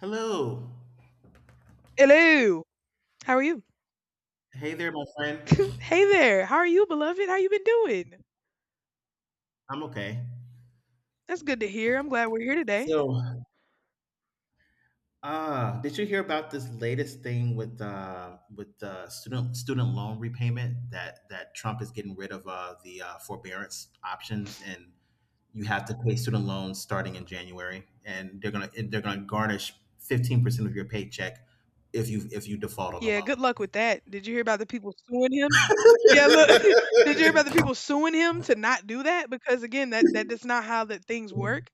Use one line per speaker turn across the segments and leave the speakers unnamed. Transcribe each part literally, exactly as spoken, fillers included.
Hello.
Hello. How are you?
Hey there, my friend.
Hey there. How are you, beloved? How you been doing?
I'm okay.
That's good to hear. I'm glad we're here today.
So, uh, did you hear about this latest thing with uh with uh student student loan repayment that that Trump is getting rid of uh the uh, forbearance options, and you have to pay student loans starting in January, and they're gonna and they're gonna garnish fifteen percent of your paycheck if you if you default on the
Yeah,
loan.
good luck with that. Did you hear about the people suing him? Yeah, look. Did you hear about the people suing him to not do that? Because again, that that that is not how that things work.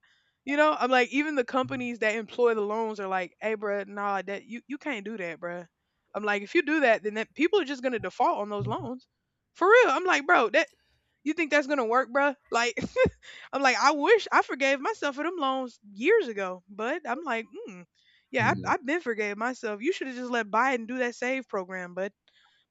You know, I'm like even the companies that employ the loans are like, "Hey, bruh, nah, that you you can't do that, bruh." I'm like, if you do that, then that people are just gonna default on those loans. For real. I'm like, bro, that you think that's gonna work, bruh? Like I'm like, I wish I forgave myself for them loans years ago, but I'm like, mm, yeah,
Mhm.
I, I've been forgave myself. You should have just let Biden do that save program, but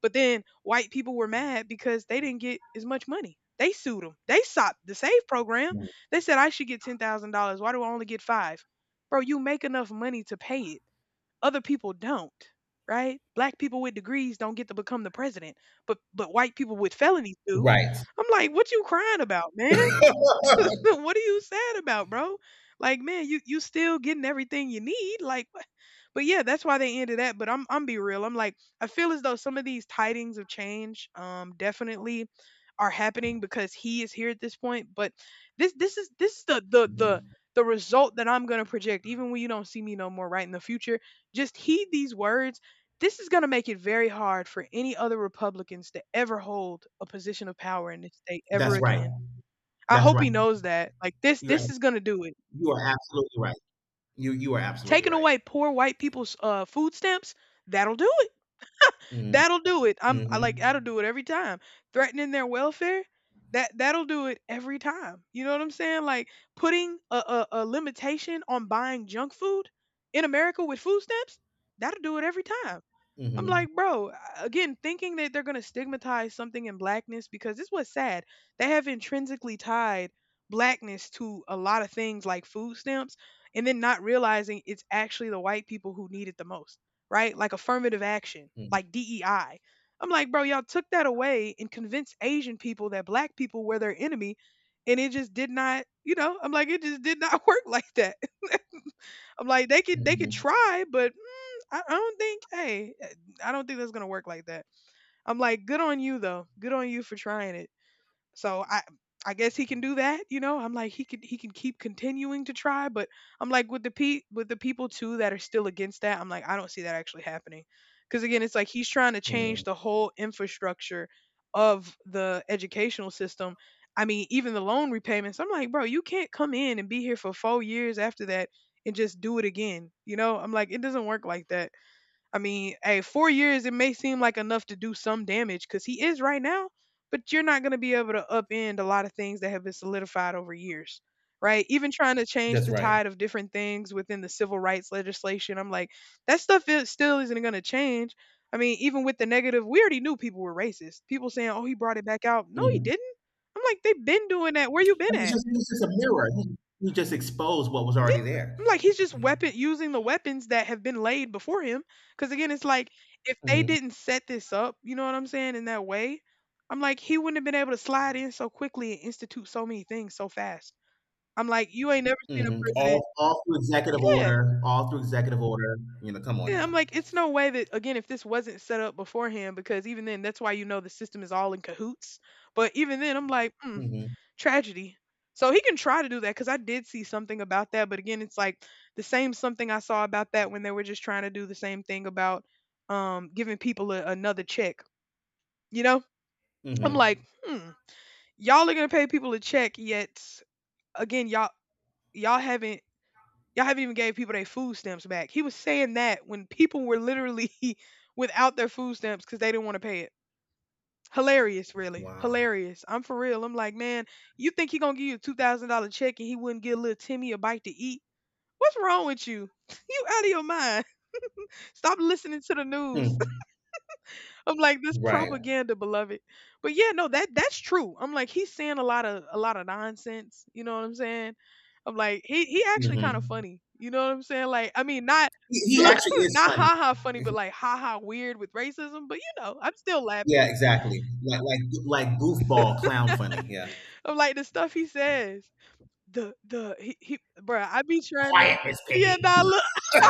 but then white people were mad because they didn't get as much money. They sued them. They sought the save program. They said I should get ten thousand dollars. Why do I only get five? Bro, you make enough money to pay it. Other people don't, right? Black people with degrees don't get to become the president, but but white people with felonies do.
Right.
I'm like, what you crying about, man? What are you sad about, bro? Like, man, you you still getting everything you need. Like, what? But yeah, that's why they ended that. But I'm I'm be real. I'm like, I feel as though some of these tidings of change, um, definitely are happening because he is here at this point. But this this is this is the the the
Mhm.
the result that I'm gonna project, even when you don't see me no more, right in the future. Just heed these words. This is going to make it very hard for any other Republicans to ever hold a position of power in this state ever
That's right.
again. I
That's
hope he
right.
knows that. Like this
You're
this is gonna do it.
You are absolutely right. You you are absolutely
Taking
right.
away poor white people's uh food stamps, that'll do it.
Mm,
That'll do it. I'm I like that'll
mhm,
do it every time. Threatening their welfare, that that'll do it every time. You know what I'm saying? Like putting a, a, a limitation on buying junk food in America with food stamps, that'll do it every time. I'm
mhm,
like, bro, again, thinking that they're going to stigmatize something in blackness because this was sad. They have intrinsically tied blackness to a lot of things like food stamps and then not realizing it's actually the white people who need it the most, right? Like affirmative action,
mm,
like D E I. I'm like, bro, y'all took that away and convinced Asian people that black people were their enemy and it just did not, you know, I'm like it just did not work like that. I'm like they could they could
mhm,
try, but I, I don't think, hey, eh, I don't think that's gonna work like that. I'm like, good on you though. Good on you for trying it. So I I guess he can do that, you know. I'm like he could he can keep continuing to try, but I'm like with the pe with the people too that are still against that, I'm like, I don't see that actually happening. Cause again, it's like he's trying to
mm.
change the whole infrastructure of the educational system. I mean, even the loan repayments. I'm like, bro, you can't come in and be here for four years after that and just do it again. You know, I'm like, it doesn't work like that. I mean, hey, four years, it may seem like enough to do some damage because he is right now, but you're not going to be able to upend a lot of things that have been solidified over years, right? Even trying to change
That's
the
right.
tide of different things within the civil rights legislation, I'm like, that stuff is, still isn't going to change. I mean, even with the negative, we already knew people were racist. People saying, oh, he brought it back out. No, he
Mhm.
didn't. I'm like, they've been doing that. Where you been
And It's
at?
just it's just a mirror. You you just exposed what was
Yeah,
already there.
I'm like he's just weapon using the weapons that have been laid before him. Because again, it's like if they
Mhm,
didn't set this up, you know what I'm saying, in that way, I'm like he wouldn't have been able to slide in so quickly and institute so many things so fast. I'm like you ain't never seen a
mhm.
president.
All all through executive
Yeah,
order. All through executive order. You know, come on
yeah. I'm
now.
like it's no way that again if this wasn't set up beforehand, because even then that's why you know the system is all in cahoots. But even then, I'm like, mm,
Mhm,
tragedy. So he can try to do that because I did see something about that. But again, it's like the same something I saw about that when they were just trying to do the same thing about um, giving people a, another check. You know, I'm like,
mhm.
hmm, y'all are gonna pay people a check, yet again, y'all y'all haven't y'all haven't even gave people their food stamps back. He was saying that when people were literally without their food stamps because they didn't want to pay it. Hilarious, really.
Wow.
Hilarious. I'm for real. I'm like, man, you think he gonna give you a two thousand dollar check and he wouldn't give little Timmy a bite to eat? What's wrong with you? You out of your mind. Stop listening to the news.
Hmm.
I'm like, this
Right.
propaganda, beloved. But yeah, no, that that's true. I'm like, he's saying a lot of a lot of nonsense. You know what I'm saying? I'm like, he he actually kind of
Hmm.
funny. You know what I'm saying? Like, I mean, not
He, he
look,
actually is
not
funny.
ha ha funny, but like ha ha weird with racism. But you know, I'm still
Yeah,
laughing.
exactly. Like like like goofball clown funny. Yeah.
I'm like the stuff he says. The the he he bruh, I be trying to.
Quiet, Miss
Yeah,
Piggy.
nah, look.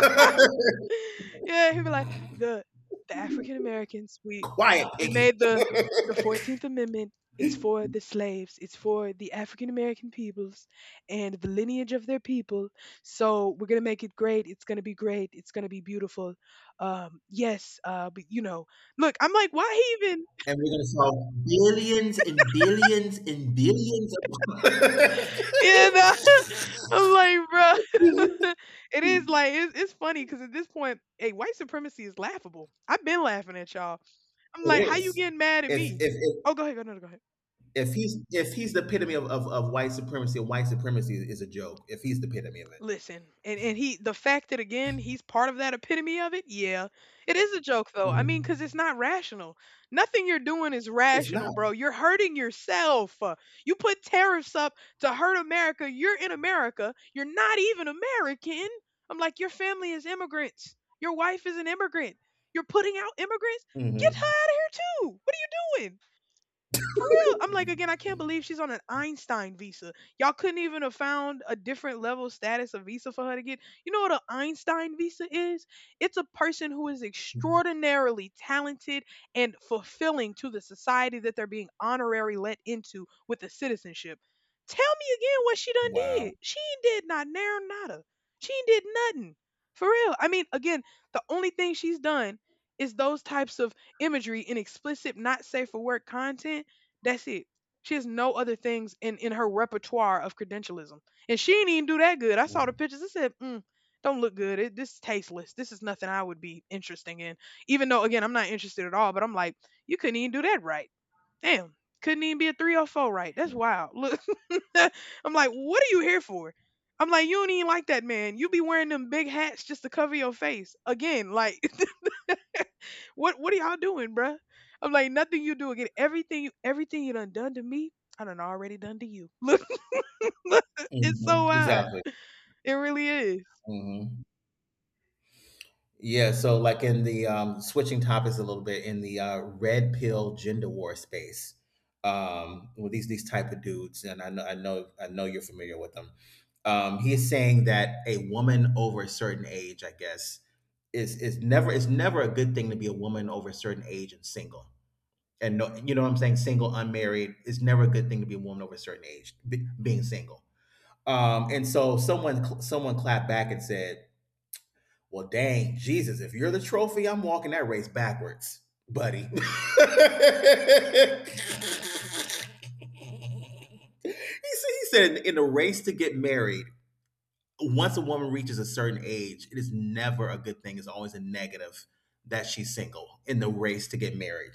Yeah, he be like, "The the African Americans, we
Quiet
we
piggy.
made the the fourteenth Amendment. It's for the slaves. It's for the African American peoples and the lineage of their people. So we're gonna make it great. It's gonna be great. It's gonna be beautiful. Um, yes. Uh, but you know, look, I'm like, why even?
And we're gonna solve billions and billions and billions of
Yeah, nah, I'm like, bro. It
It
is like it's, it's funny because at this point, hey, white supremacy is laughable. I've been laughing at y'all. I'm like, how you
is.
getting mad at
If
me?
if if
Oh, go ahead, go no, no, go ahead.
if he's if he's the epitome of, of, of white supremacy, and white supremacy is a joke, if he's the epitome of it,
Listen, and and he the fact that again he's part of that epitome of it, yeah. It is a joke though. I mean, cause
Mhm.
it's not rational. Nothing you're doing is
it's not.
rational, bro. You're hurting yourself. Uh, You put tariffs up to hurt America. You're in America. You're not even American. I'm like, your family is immigrants. Your wife is an immigrant. You're putting out immigrants. Get her
Hmm.
out of here too. What are you doing? For real. I'm like, again, I can't believe she's on an Einstein visa. Y'all couldn't even have found a different level status of visa for her to get. You know what an Einstein visa is? It's a person who is extraordinarily talented and fulfilling to the society that they're being honorary let into with a citizenship. Tell me again what she done
Wow.
did. She ain't did not narrow nada. She ain't did nothing. For real. I mean, again, the only thing she's done is those types of imagery and explicit not safe for work content that's it. She has no other things in, in her repertoire of credentialism. And she didn't even do that good. I saw
Hmm.
the pictures. I said, mm, don't look good. It, this is tasteless. This is nothing I would be interesting in. Even though, again, I'm not interested at all, but I'm like, you couldn't even do that right. Damn. Couldn't even be a three oh four right. That's wild. Look, I'm like, what are you here for? I'm like, you don't even like that man. You be wearing them big hats just to cover your face. Again, like, What what are y'all doing, bruh? I'm like, nothing you do again. Everything you everything you done done to me, I done already done to you. Look, look, it's so wild.
Exactly.
It really is.
Hmm. Yeah, so, like, in the um, switching topics a little bit, in the uh, red pill gender war space, um, with these these type of dudes, and I know I know I know you're familiar with them. Um, he is saying that a woman over a certain age, I guess, is is never it's never a good thing to be a woman over a certain age and single. And no, you know what I'm saying, single, unmarried, it's never a good thing to be a woman over a certain age, be, being single. Um, and so someone cl- someone clapped back and said, well, dang, Jesus, if you're the trophy, I'm walking that race backwards, buddy. he, said, he said, in the race to get married, once a woman reaches a certain age, it is never a good thing. It's always a negative that she's single in the race to get married.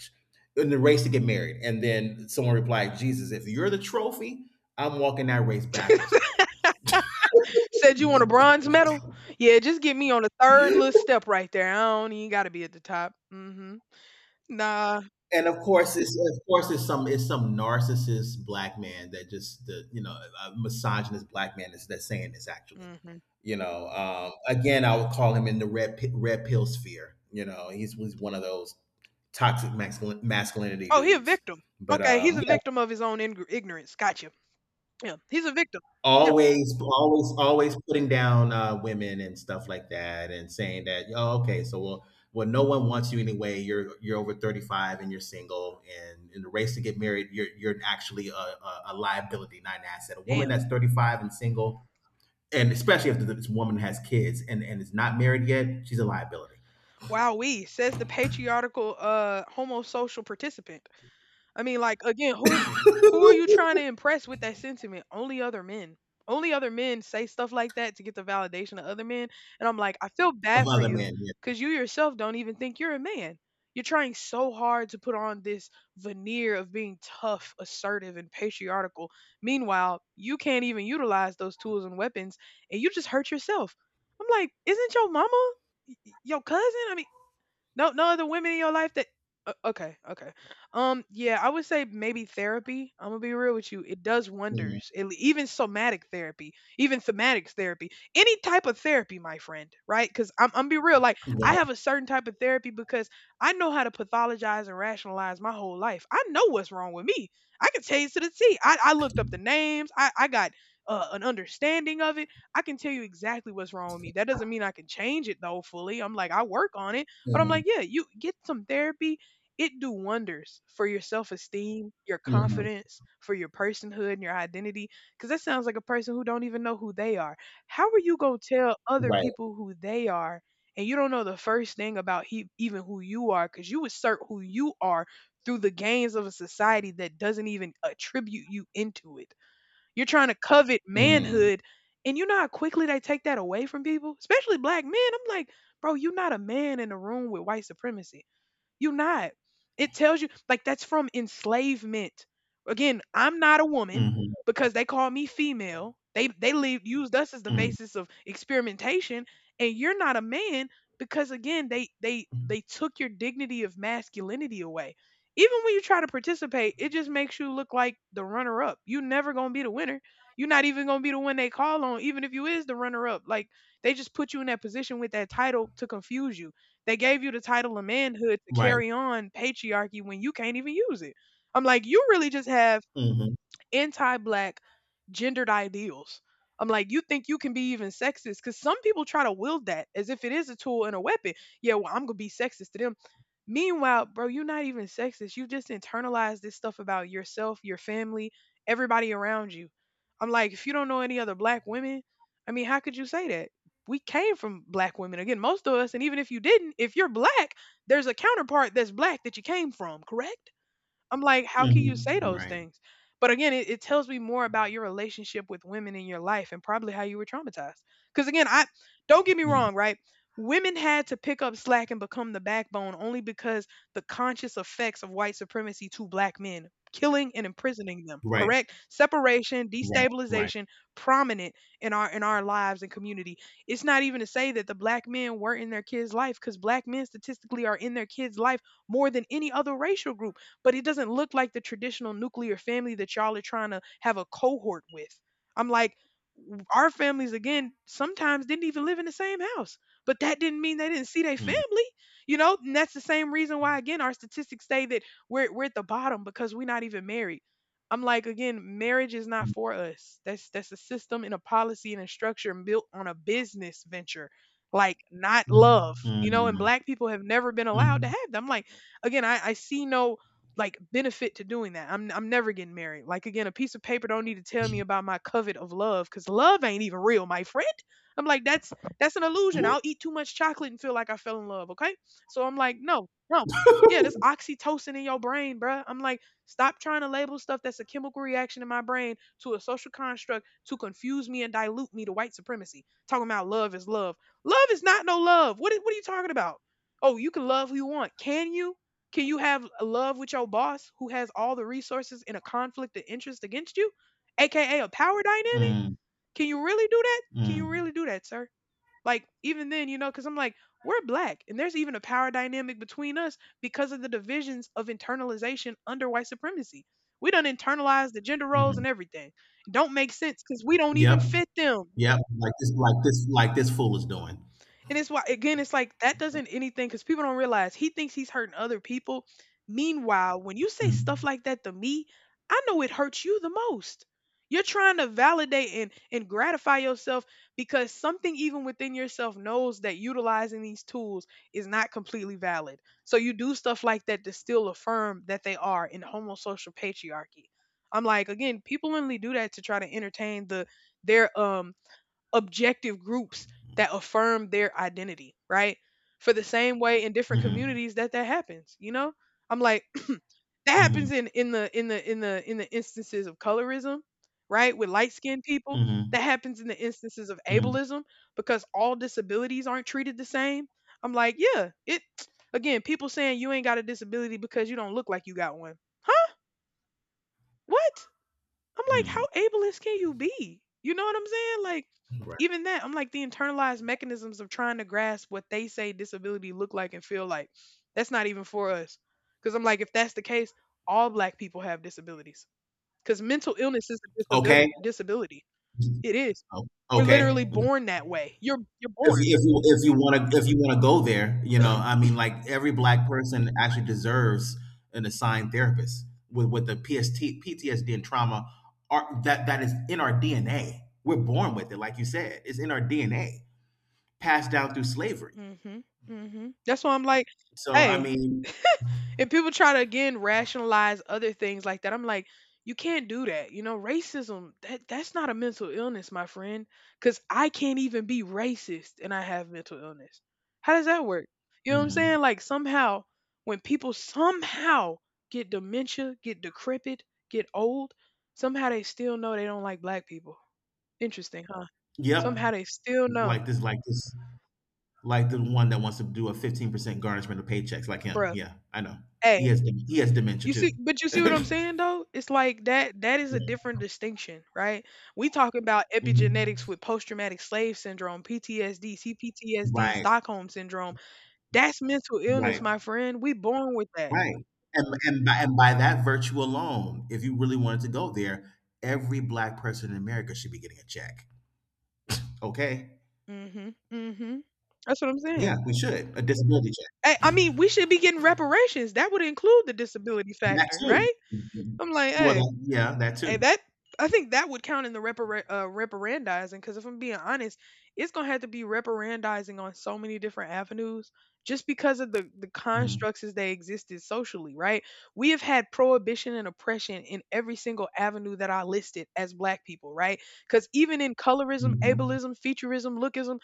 In the race to get married. And then someone replied, Jesus, if you're the trophy, I'm walking that race backwards, buddy.
Said you want a bronze medal? Yeah, just get me on the third little step right there. I don't even gotta be at the top. Mm-hmm. Nah.
and of course it's of course it's some it's some narcissist black man that just the you know a misogynist black man is that's saying this actually.
Mm-hmm.
You know um again i would call him in the red pi- red pill sphere. You know he's, he's one of those toxic masculin- masculinity
Oh, he a
dudes,
victim.
but
Okay, he's
um
a victim of his own ing- ignorance. Gotcha. Yeah, he's a victim. Yeah,
always, always, always putting down uh, women and stuff like that, and saying that, oh, okay, so well well, no one wants you anyway. You're you're over thirty-five and you're single, and in the race to get married you're you're actually a, a, a liability, not an asset. A woman
damn.
that's thirty-five and single, and especially if this woman has kids and and is not married yet, she's a liability
Wow, we says the patriarchal uh homosocial participant. I mean, like again, who who are you trying to impress with that sentiment? Only other men. Only other men say stuff like that to get the validation of other men. And I'm like, I feel
of
bad for
other
you
men, yeah.
because you yourself don't even think you're a man. You're trying so hard to put on this veneer of being tough, assertive, and patriarchal. Meanwhile, you can't even utilize those tools and weapons, and you just hurt yourself. I'm like, isn't your mama y- y- your cousin? I mean, no, no other women in your life that. o- Okay, okay. Um, yeah, I would say maybe therapy. I'm gonna be real with you. It does
Mhm.
wonders. It, even somatic therapy, even thematic therapy, any type of therapy, my friend, right? Because I'm, I'm be real. Like I
Yeah.
have a certain type of therapy because I know how to pathologize and rationalize my whole life. I know what's wrong with me. I can tell you to the T. I, I looked up the names. I, I got uh, an understanding of it. I can tell you exactly what's wrong with me. That doesn't mean I can change it though fully. I'm like I work on it, but I'm
Mhm.
like, yeah, you get some therapy. It do wonders for your self-esteem, your
Mhm.
confidence, for your personhood and your identity. Cause that sounds like a person who don't even know who they are. How are you gonna tell other
Right.
people who they are and you don't know the first thing about he, even who you are? Cause you assert who you are through the gains of a society that doesn't even attribute you into it. You're trying to covet
Mm.
manhood. And you know how quickly they take that away from people, especially black men. I'm like, bro, you're not a man in a room with white supremacy, you are not. It tells you like that's from enslavement. Again, I'm not a woman
Mhm.
because they call me female. They they leave, used us as the
Mm.
basis of experimentation, and you're not a man because again they they they took your dignity of masculinity away. Even when you try to participate, it just makes you look like the runner up. You are never gonna be the winner. You're not even gonna be the one they call on, even if you is the runner up. Like they just put you in that position with that title to confuse you, they gave you the title of manhood to
Right.
carry on patriarchy when you can't even use it. I'm like, you really just have
Mhm.
anti-black gendered ideals. I'm like, you think you can be even sexist? Because some people try to wield that as if it is a tool and a weapon. Yeah, well, I'm gonna be sexist to them. Meanwhile, bro, you're not even sexist. You just internalized this stuff about yourself, your family, everybody around you. I'm like, if you don't know any other black women, I mean, how could you say that? We came from black women. Again, most of us, and even if you didn't, if you're black, there's a counterpart that's black that you came from, correct? I'm like, how can you
Mhm.
say those
Right.
things? But again, it, it tells me more about your relationship with women in your life and probably how you were traumatized. Because again, I, don't get me
Mm.
wrong, right? Women had to pick up slack and become the backbone only because the conscious effects of white supremacy to black men, killing and imprisoning them,
Right.
correct? Separation,
Right, right.
destabilization, prominent in our in our lives and community. It's not even to say that the black men weren't in their kids' life, because black men statistically are in their kids' life more than any other racial group, but it doesn't look like the traditional nuclear family that y'all are trying to have a cohort with. I'm like, our families, again, sometimes didn't even live in the same house, but that didn't mean they didn't see their
Mm,
family, you know? And that's the same reason why, again, our statistics say that we're, we're at the bottom because we're not even married. I'm like, again, marriage is not
mm,
for us. That's that's a system and a policy and a structure built on a business venture, like not
mm,
love, you know. And
mm,
black people have never been allowed to
mm.
have them. I'm like, again, I, I see no like benefit to doing that. I'm I'm never getting married. Like again, a piece of paper don't need to tell me about my covet of love because love ain't even real, my friend. I'm like that's that's an illusion. I'll eat too much chocolate and feel like I fell in love. Okay, so I'm like no, no. Yeah, there's oxytocin in your brain, bruh. I'm like, stop trying to label stuff that's a chemical reaction in my brain to a social construct to confuse me and dilute me to white supremacy. Talking about love is love. Love is not no love. What, is, what are you talking about? Oh, you can love who you want. Can you? Can you have love with your boss who has all the resources in a conflict of interest against you, aka a power dynamic?
Mm,
Can you really do that? Can you
mm,
really do that, sir? Like even then, you know, because I'm like, we're black, and there's even a power dynamic between us because of the divisions of internalization under white supremacy. We done internalized the gender roles
mhm.
and everything. It don't make sense because we don't
Yep,
even fit them.
yep. Like this, like this, like this fool is doing.
And it's why again, it's like that doesn't anything because people don't realize he thinks he's hurting other people. Meanwhile, when you say stuff
Mm,
like that to me, I know it hurts you the most. You're trying to validate and, and gratify yourself because something even within yourself knows that utilizing these tools is not completely valid. So you do stuff like that to still affirm that they are in homosocial patriarchy. I'm like, again, people only do that to try to entertain the their um objective groups that affirm their identity, right? For the same way in different
mhm,
communities that that happens, you know? I'm like that
mhm,
happens in in the in the in the in the instances of colorism, right? With light-skinned people,
mhm,
that happens in the instances of
mm,
ableism because all disabilities aren't treated the same. I'm like, yeah, it again, people saying you ain't got a disability because you don't look like you got one. Huh? What? I'm like,
mm.
how ableist can you be? You know what I'm saying? Like,
Right.
even that, I'm like the internalized mechanisms of trying to grasp what they say disability look like and feel like. That's not even for us. Because I'm like, if that's the case, all black people have disabilities. Because mental illness is a
Okay.
disability. Disability, it is.
o-
We're literally
Okay.
born that way. You're you're
if
born.
you if you if you want to if you want to go there, you know, I mean, like, every black person actually deserves an assigned therapist, with with the P S T, P T S D, and trauma are, that that is in our D N A. We're born with it, like you said, it's in our D N A, passed down through slavery.
Mhm, mhm. That's why I'm like,
So I
"Hey."
mean,
And people try to, again, rationalize other things like that. I'm like, "You can't do that." You know, racism, that that's not a mental illness, my friend. Because I can't even be racist and I have mental illness. How does that work? You know what I'm
mhm.
saying? Like, somehow, when people somehow get dementia, get decrepit, get old, somehow they still know they don't like black people. Interesting, huh? Somehow
Yep,
they still know.
like this, like this, like the one that wants to do a fifteen percent garnishment of paychecks, like him.
Bruh,
Yeah, I know.
hey.
He has dem- he has dementia
You see,
too.
but you see what
Yeah.
I'm saying though? It's like that that is a different distinction, right? We talking about
Mhm.
epigenetics with post-traumatic slave syndrome, P T S D, C P T S D,
Right,
Stockholm syndrome. That's mental illness,
right.
my friend. We born with that.
Right. And and by, and by that virtue alone, if you really wanted to go there, every black person in America should be getting a check. Okay?
Mm, mhm. Mm, mhm. That's what I'm
Yeah,
saying.
we should. A disability check.
Hey, I mean, we should be getting reparations. That would include the disability
That
factor,
too.
right?
Mhm.
I'm like,
Well,
hey,
that, yeah, that
hey,
too.
that, I think that would count in the repara- uh, reparandizing because if I'm being honest, it's gonna have to be reparandizing on so many different avenues just because of the the
Mm-hmm.
constructs as they existed socially. Right? We have had prohibition and oppression in every single avenue that I listed as Black people. Right? Because even in colorism,
Mm-hmm.
ableism, featureism, lookism,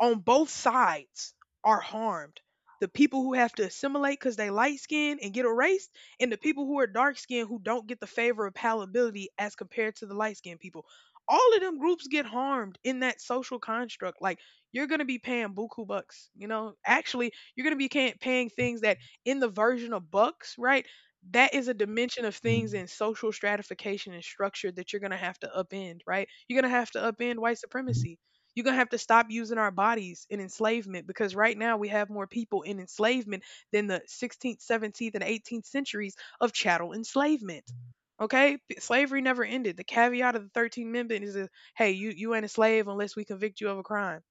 on both sides are harmed. The people who have to assimilate because they light skinned and get erased, and the people who are dark skinned who don't get the favor of palatability as compared to the light skinned people. All of them groups get harmed in that social construct. Like you're gonna be paying buku bucks, you know. Actually, you're gonna be ca- paying things that in the version of bucks, right? That is a dimension of things in social stratification and structure that you're gonna have to upend, right? You're gonna have to upend white
Mm-hmm.
supremacy, you're going to have to stop using our bodies in enslavement because right now we have more people in enslavement than the sixteenth, seventeenth, and eighteenth centuries of chattel enslavement. Okay? P- Slavery never ended. The caveat of the thirteenth Amendment is a, hey, you, you ain't a slave unless we convict you of a crime,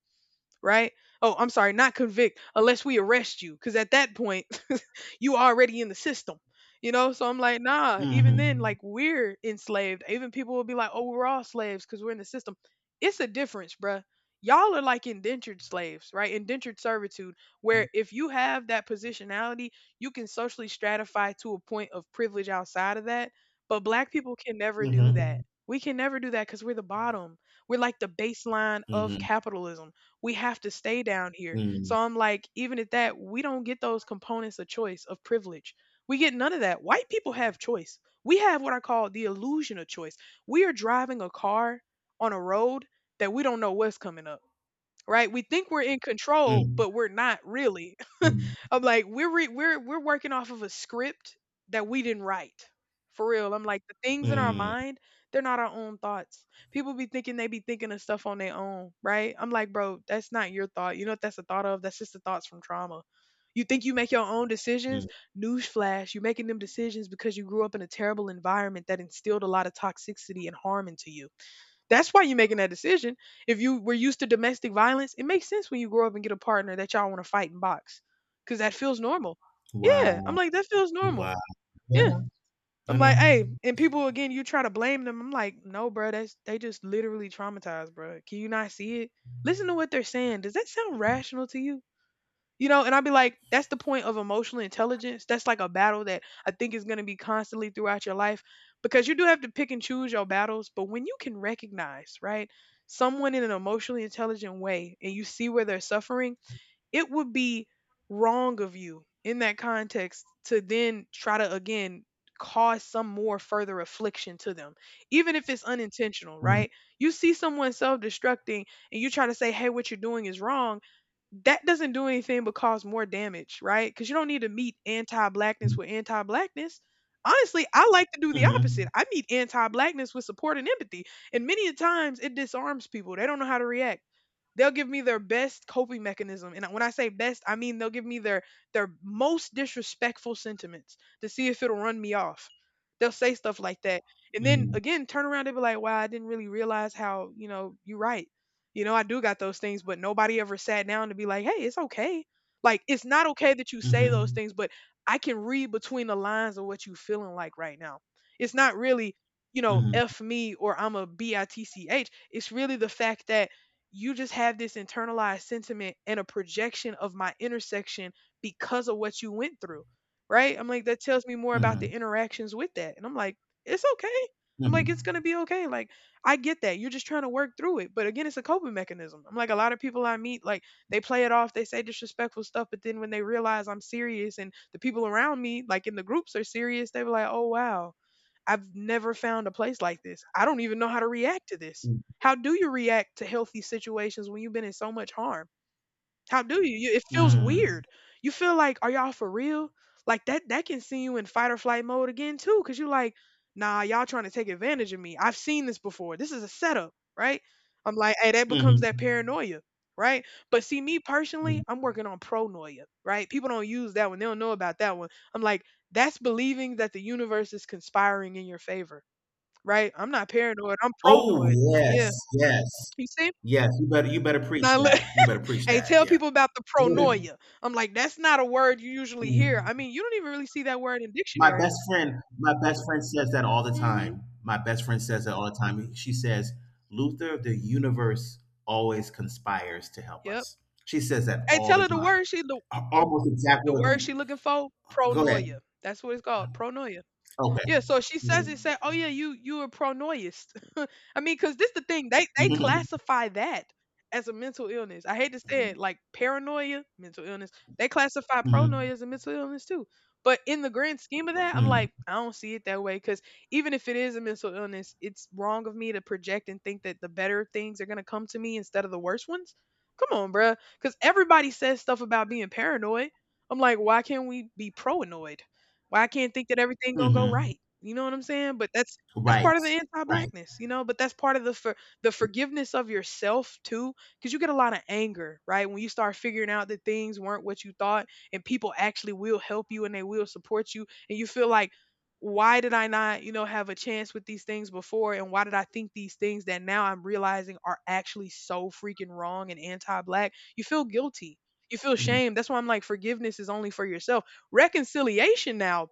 right? Oh, I'm sorry, not convict, unless we arrest you. Cause at that point, you already in the system, you know? So I'm like, nah, even then,
Mm-hmm.
like we're enslaved. Even people will be like, oh, we're all slaves because we're in the system. It's a difference, bruh. Y'all are like indentured slaves, right? Indentured servitude, where if you have that positionality, you can socially stratify to a point of privilege outside of that. But black people can never do
Mm-hmm.
that. We can never do that because we're the bottom. We're like the baseline of
Mm-hmm.
capitalism. We have to stay down here.
Mm-hmm.
So I'm like, even at that, we don't get those components of choice, of privilege. We get none of that. White people have choice. We have what I call the illusion of choice. We are driving a car on a road that we don't know what's coming up, right? We think we're in control, but we're not really.
Mm-hmm.
I'm like we're re- we're we're working off of a script that we didn't write. For real, I'm like the things in our
Mm-hmm.
mind, they're not our own thoughts. People be thinking they be thinking of stuff on their own, right? I'm like, bro, that's not your thought. You know what that's a thought of? That's just the thoughts from trauma. You think you make your own decisions? Newsflash, you're making them decisions because you grew up in a terrible environment that instilled a lot of toxicity and harm into you. That's why you're making that decision. If you were used to domestic violence, it makes sense when you grow up and get a partner that y'all want to fight and box because that feels normal. Yeah. I'm
Wow.
like, that feels normal.
Wow. Yeah.
Yeah.
No,
I'm
no.
like, hey, and people again, you try to blame them. I'm like, no, bro, that's they just literally traumatized, bro. Can you not see it? Listen to what they're saying. Does that sound rational to you? You know, and I'd be like, that's the point of emotional intelligence. That's like a battle that I think is going to be constantly throughout your life because you do have to pick and choose your battles. But when you can recognize, right, someone in an emotionally intelligent way and you see where they're suffering, it would be wrong of you in that context to then try to, again, cause some more further affliction to them, even if it's unintentional,
Mm-hmm.
right? You see someone self destructing and you try to say, hey, what you're doing is wrong. That doesn't do anything but cause more damage, right? Because you don't need to meet anti-blackness with anti-blackness. Honestly, I like to do the
Mm-hmm.
opposite. I meet anti-blackness with support and empathy, and many a times it disarms people. They don't know how to react. They'll give me their best coping mechanism, and when I say best, I mean they'll give me their their most disrespectful sentiments to see if it'll run me off. They'll say stuff like that, and then
Mm-hmm.
again turn around and be like, wow, I didn't really realize how, you know you're right. You know, I do got those things, but nobody ever sat down to be like, hey, it's okay. Like, it's not okay that you say those
Mm-hmm.
things, but I can read between the lines of what you feeling like right now. It's not really, you know
Mm-hmm.
f me or I'm a bitch. It's really the fact that you just have this internalized sentiment and a projection of my intersection because of what you went through, right? I'm like, that tells me more about
Mm-hmm.
the interactions with that. And I'm like, it's okay. I'm like, it's going
Mm-hmm.
to be okay. Like, I get that. You're just trying to work through it. But again, it's a coping mechanism. I'm like, a lot of people I meet, like, they play it off, they say disrespectful stuff. But then when they realize I'm serious and the people around me, like in the groups, are serious, they were like, oh, wow, I've never found a place like this. I don't even know how to react to this. How do you react to healthy situations when you've been in so much harm? How do you? You it feels
Mm-hmm.
weird. You feel like, are y'all for real? Like that that can see you in fight or flight mode again too, because you're like, nah, y'all trying to take advantage of me. I've seen this before. This is a setup, right? I'm like, hey, that becomes that
Mhm,
paranoia, right? But see, me personally,
mhm.
I'm working on pronoia, right? People don't use that one. They don't know about that one. I'm like, that's believing that the universe is conspiring in your favor, right? I'm not paranoid. I'm
Oh,
pronoid. Yeah.
yes, yes.
You see?
Yes, you better you better preach
Now, look,
that. You better preach
hey,
that.
tell
Yeah.
people about the
Mhm.
pronoia. I'm like, that's not a word you usually hear.
Mhm.
I mean, you don't even really see that word in
My
dictionaries.
best friend, my best friend says that all the
Mm-hmm.
time. My best friend says that all the time. She says, "Luther, the universe always conspires to help
Yep.
us." She says that
Hey,
all
tell
the
her the
time.
word she the
A-
the,
Almost exact
the
words.
word she looking for.
Go ahead.
Pronoia. That's what it's called. Pronoia.
Okay.
Yeah, so she
Mhm.
says it say, "Oh yeah, you you a pronoist." I mean, cuz this the thing, they they
Mhm.
classify that as a mental illness. I hate to say
Mhm.
it, like paranoia, mental illness. They classify
Mhm.
pronoia as a mental illness too. But in the grand scheme of that, I'm
Mhm.
like, I don't see it that way, cuz even if it is a mental illness, it's wrong of me to project and think that the better things are going to come to me instead of the worst ones. Come on, bruh. Cuz everybody says stuff about being paranoid. I'm like, why can't we be proanoid? Why I can't think that everything gonna go
Mhm.
right? You know what I'm saying? But that's that's
Right.
part of the
Right.
anti-blackness, you know. But that's part of the for the forgiveness of yourself too, because you get a lot of anger, right? When you start figuring out that things weren't what you thought, and people actually will help you and they will support you, and you feel like, why did I not, you know, have a chance with these things before, and why did I think these things that now I'm realizing are actually so freaking wrong and anti-black? You feel guilty, you feel
Mhm.
shame. That's why I'm like, forgiveness is only for yourself. Reconciliation now,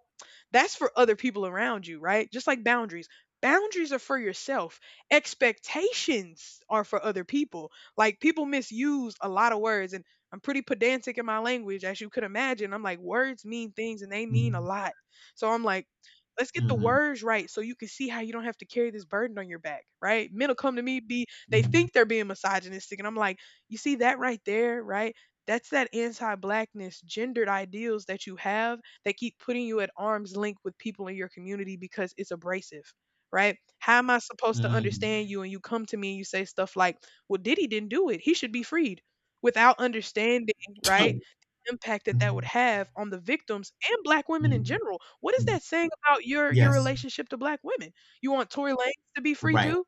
that's for other people around you, right? Just like boundaries. Boundaries are for yourself. Expectations are for other people. Like people misuse a lot of words, and I'm pretty pedantic in my language as you could imagine. I'm like words mean things and they mean a
Mhm.
lot. So I'm like, let's get the words right so you can see how you don't have to carry this burden on your back, right? Men'll come to me be they
Mhm.
think they're being misogynistic and I'm like, "You see that right there, right? That's that anti-blackness, gendered ideals that you have that keep putting you at arm's length with people in your community because it's abrasive, right? How am I supposed to understand
Mhm.
you? And you come to me and you say stuff like, "Well, Diddy didn't do it; he should be freed," without understanding, right?
Mm,
The impact that that would have on the victims and black women in
mm,
general. What is
mm.
that saying about your your
Yes,
relationship to black women? You want Tory Lanez to be free
right.
too?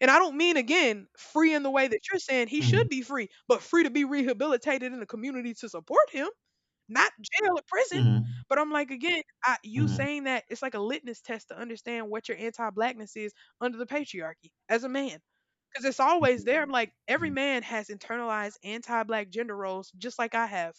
And I don't mean, again, free in the way that you're saying he should
Mm,
be free, but free to be rehabilitated in the community to support him. Not jail or prison,
mm,
but I'm like, again, I, you
mm,
saying that it's like a litmus test to understand what your anti-blackness is under the patriarchy as a man. Because it's
mm,
always there. I'm like, every
mm,
man has internalized anti-black gender roles, just like I have.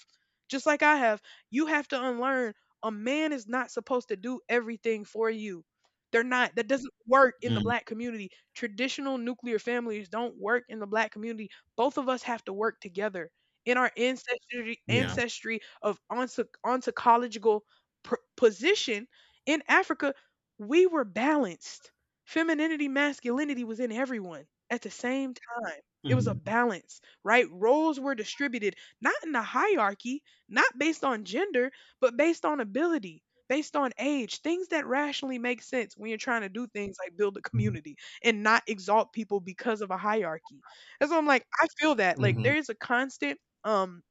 Just like I have. You have to unlearn: a man is not supposed to do everything for you. They're not. That doesn't work in the black
mm.
community. Traditional nuclear families don't work in the black community. Both of us have to work together in our ancestry
Yeah.
ancestry of onto, ontological pr- position in Africa. We were balanced. Femininity, masculinity was in everyone at the same time. It was a
Mm,
balance, right? Roles were distributed not in a hierarchy, not based on gender, but based on ability, based on age, things that rationally make sense when you're trying to do things like build a
mm,
community and not exalt people because of a hierarchy. And so I'm like, I feel that. Like
mm,
there is a constant, um,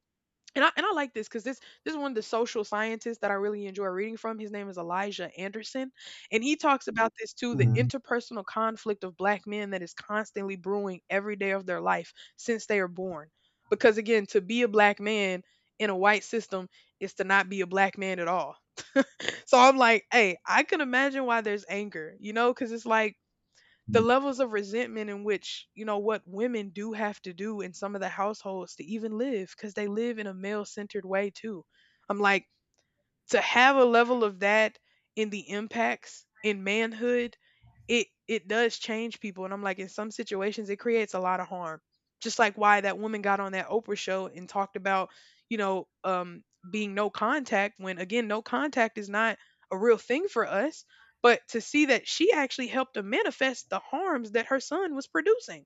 and I and I like this because this this is one of the social scientists that I really enjoy reading from. His name is Elijah Anderson, and he talks about this too, the
mm,
interpersonal conflict of black men that is constantly brewing every day of their life since they are born. Because again, to be a black man in a white system is to not be a black man at all. So I'm like, hey, I can imagine why there's anger, you know, because it's like the
mm,
levels of resentment in which you know what women do have to do in some of the households to even live because they live in a male centered way too. I'm like, to have a level of that in the impacts in manhood, it it does change people. And I'm like, in some situations it creates a lot of harm, just like why that woman got on that Oprah show and talked about, you know um being no contact, when again no contact is not a real thing for us. But to see that she actually helped to manifest the harms that her son was producing,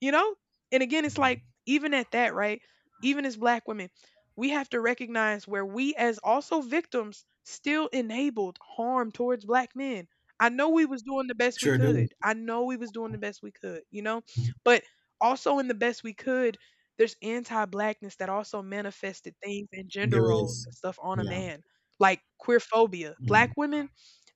you know? And again, it's
mm.
like, even at that, right? Even as black women, we have to recognize where we, as also victims, still enabled harm towards black men. I know we was doing the best we
Sure do.
could. I know we was doing the best we could, you know?
Mm.
But also in the best we could, there's anti-blackness that also manifested things and
There
gender roles
is.
and stuff on a
Yeah.
man, like queer phobia. Black
Mm,
women,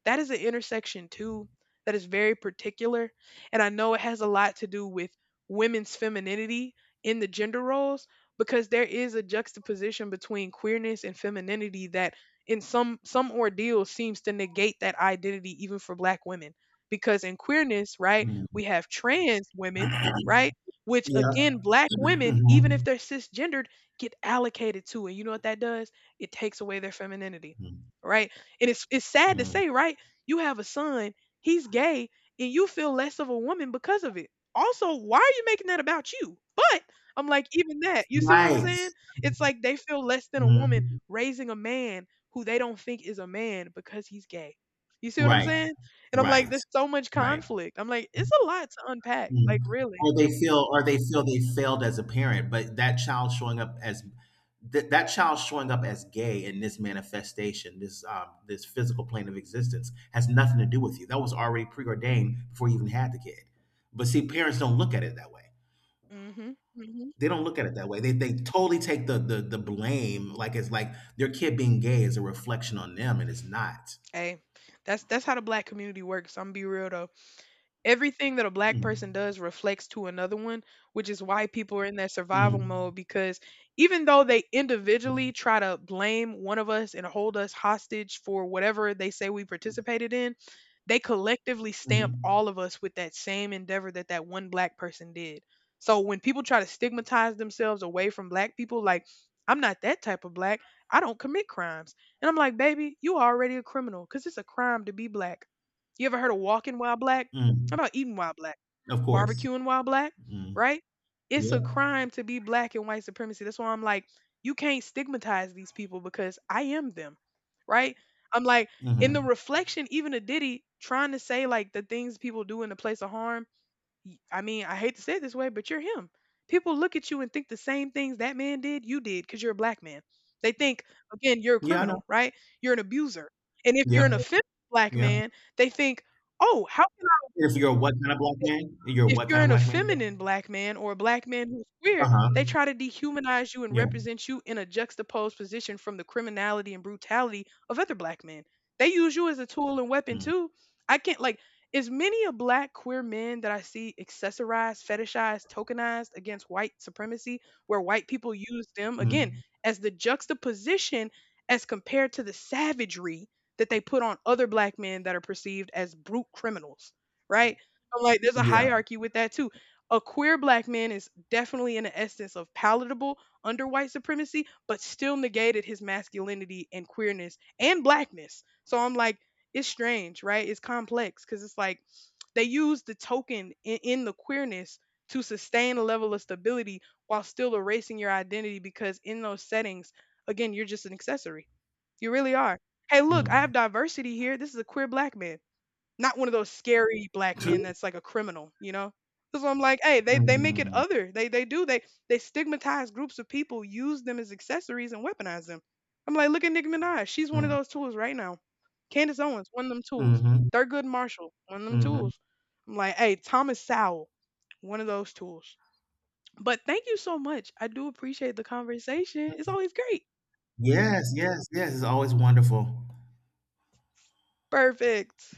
that is an intersection too that is very particular. And I know it has a lot to do with women's femininity in the gender roles, because there is a juxtaposition between queerness and femininity that in some some ordeals seems to negate that identity even for black women, because in queerness, right,
mm.
we have trans women, right, which
Yeah.
again black women, even if
Mhm.
they're cisgendered, get allocated to. And you know what that does, it takes away their femininity,
Mm,
right? And it's it's sad to
mm.
say, right? You have a son, he's gay, and you feel less of a woman because of it. Also, why are you making that about you? But I'm like, even that, you see what I'm
Right.
saying? It's like they feel less than a woman
Mm.
raising a man who they don't think is a man because he's gay. You see what I'm
Right.
saying? And I'm like,
Right.
there's so much
Right.
conflict. I'm like, it's a lot to unpack. Like,
Mm.
really.
Or they feel or they feel they failed as a parent, but that child showing up as th- that child showing up as gay in this manifestation, this um, this physical plane of existence, has nothing to do with you. That was already preordained before you even had the kid. But see, parents don't look at it that way.
Mhm. Mhm.
They don't look at it that way. They they totally take the the, the blame, like it's like their kid being gay is a reflection on them, and it's not.
Hey, that's that's how the black community works. I'm be real though. Everything that a black person
Mm.
does reflects to another one, which is why people are in that survival
Mm.
mode, because even though they individually try to blame one of us and hold us hostage for whatever they say we participated in, they collectively stamp
Mm.
all of us with that same endeavor that that one black person did. So when people try to stigmatize themselves away from black people, like, I'm not that type of black, I don't commit crimes. And I'm like, baby, you already a criminal because it's a crime to be black. You ever heard of walking while black? How
Mm.
about eating while black?
Of course.
Barbecuing while black,
Mm.
right? It's a
Yeah.
crime to be black and white supremacy. That's why I'm like, you can't stigmatize these people because I am them, right? I'm like, in the
Hmm.
reflection, even a Diddy trying to say like the things people do in the place of harm. y- I mean, I hate to say it this way, but you're him. People look at you and think the same things that man did, you did, because you're a black man. They think, again, you're a
Yeah, I know.
criminal, right? You're an abuser. And if
Yep,
you're an offensive black
yep.
man, they think, oh, how can I?
If you're what kind of black man? You're
If
what
you're
kind of
an
black man?
effeminate black man or a black man who's queer, they
Uh-huh.
try to dehumanize you and
Yeah.
represent you in a juxtaposed position from the criminality and brutality of other black men. They use you as a tool and weapon
Mm,
too. I can't like, as many a black queer men that I see accessorized, fetishized, tokenized against white supremacy, where white people use them again
mm,
as the juxtaposition as compared to the savagery that they put on other black men that are perceived as brute criminals, right? I'm like, there's a
yeah.
hierarchy with that too. A queer black man is definitely in the essence of palatable under white supremacy, but still negated his masculinity and queerness and blackness. So I'm like, it's strange, right? It's complex, because it's like they use the token in, in the queerness to sustain a level of stability while still erasing your identity, because in those settings, again, you're just an accessory. You really are. Hey, look, I
Mm.
have diversity here. This is a queer black man. Not one of those scary black men
Two.
that's like a criminal, you know? Because I'm like, hey, they, they make it
Mm,
other. They they do. They they stigmatize groups of people, use them as accessories and weaponize them. I'm like, look at Nicki Minaj. She's one of
mm,
those tools right now. Candace Owens, one of them tools.
mhm,
Thurgood Marshall, one of them
mhm.
tools. I'm like, hey, Thomas Sowell, one of those tools. But thank you so much. I do appreciate the conversation. It's always great.
Yes, yes, yes. It's always wonderful.
Perfect.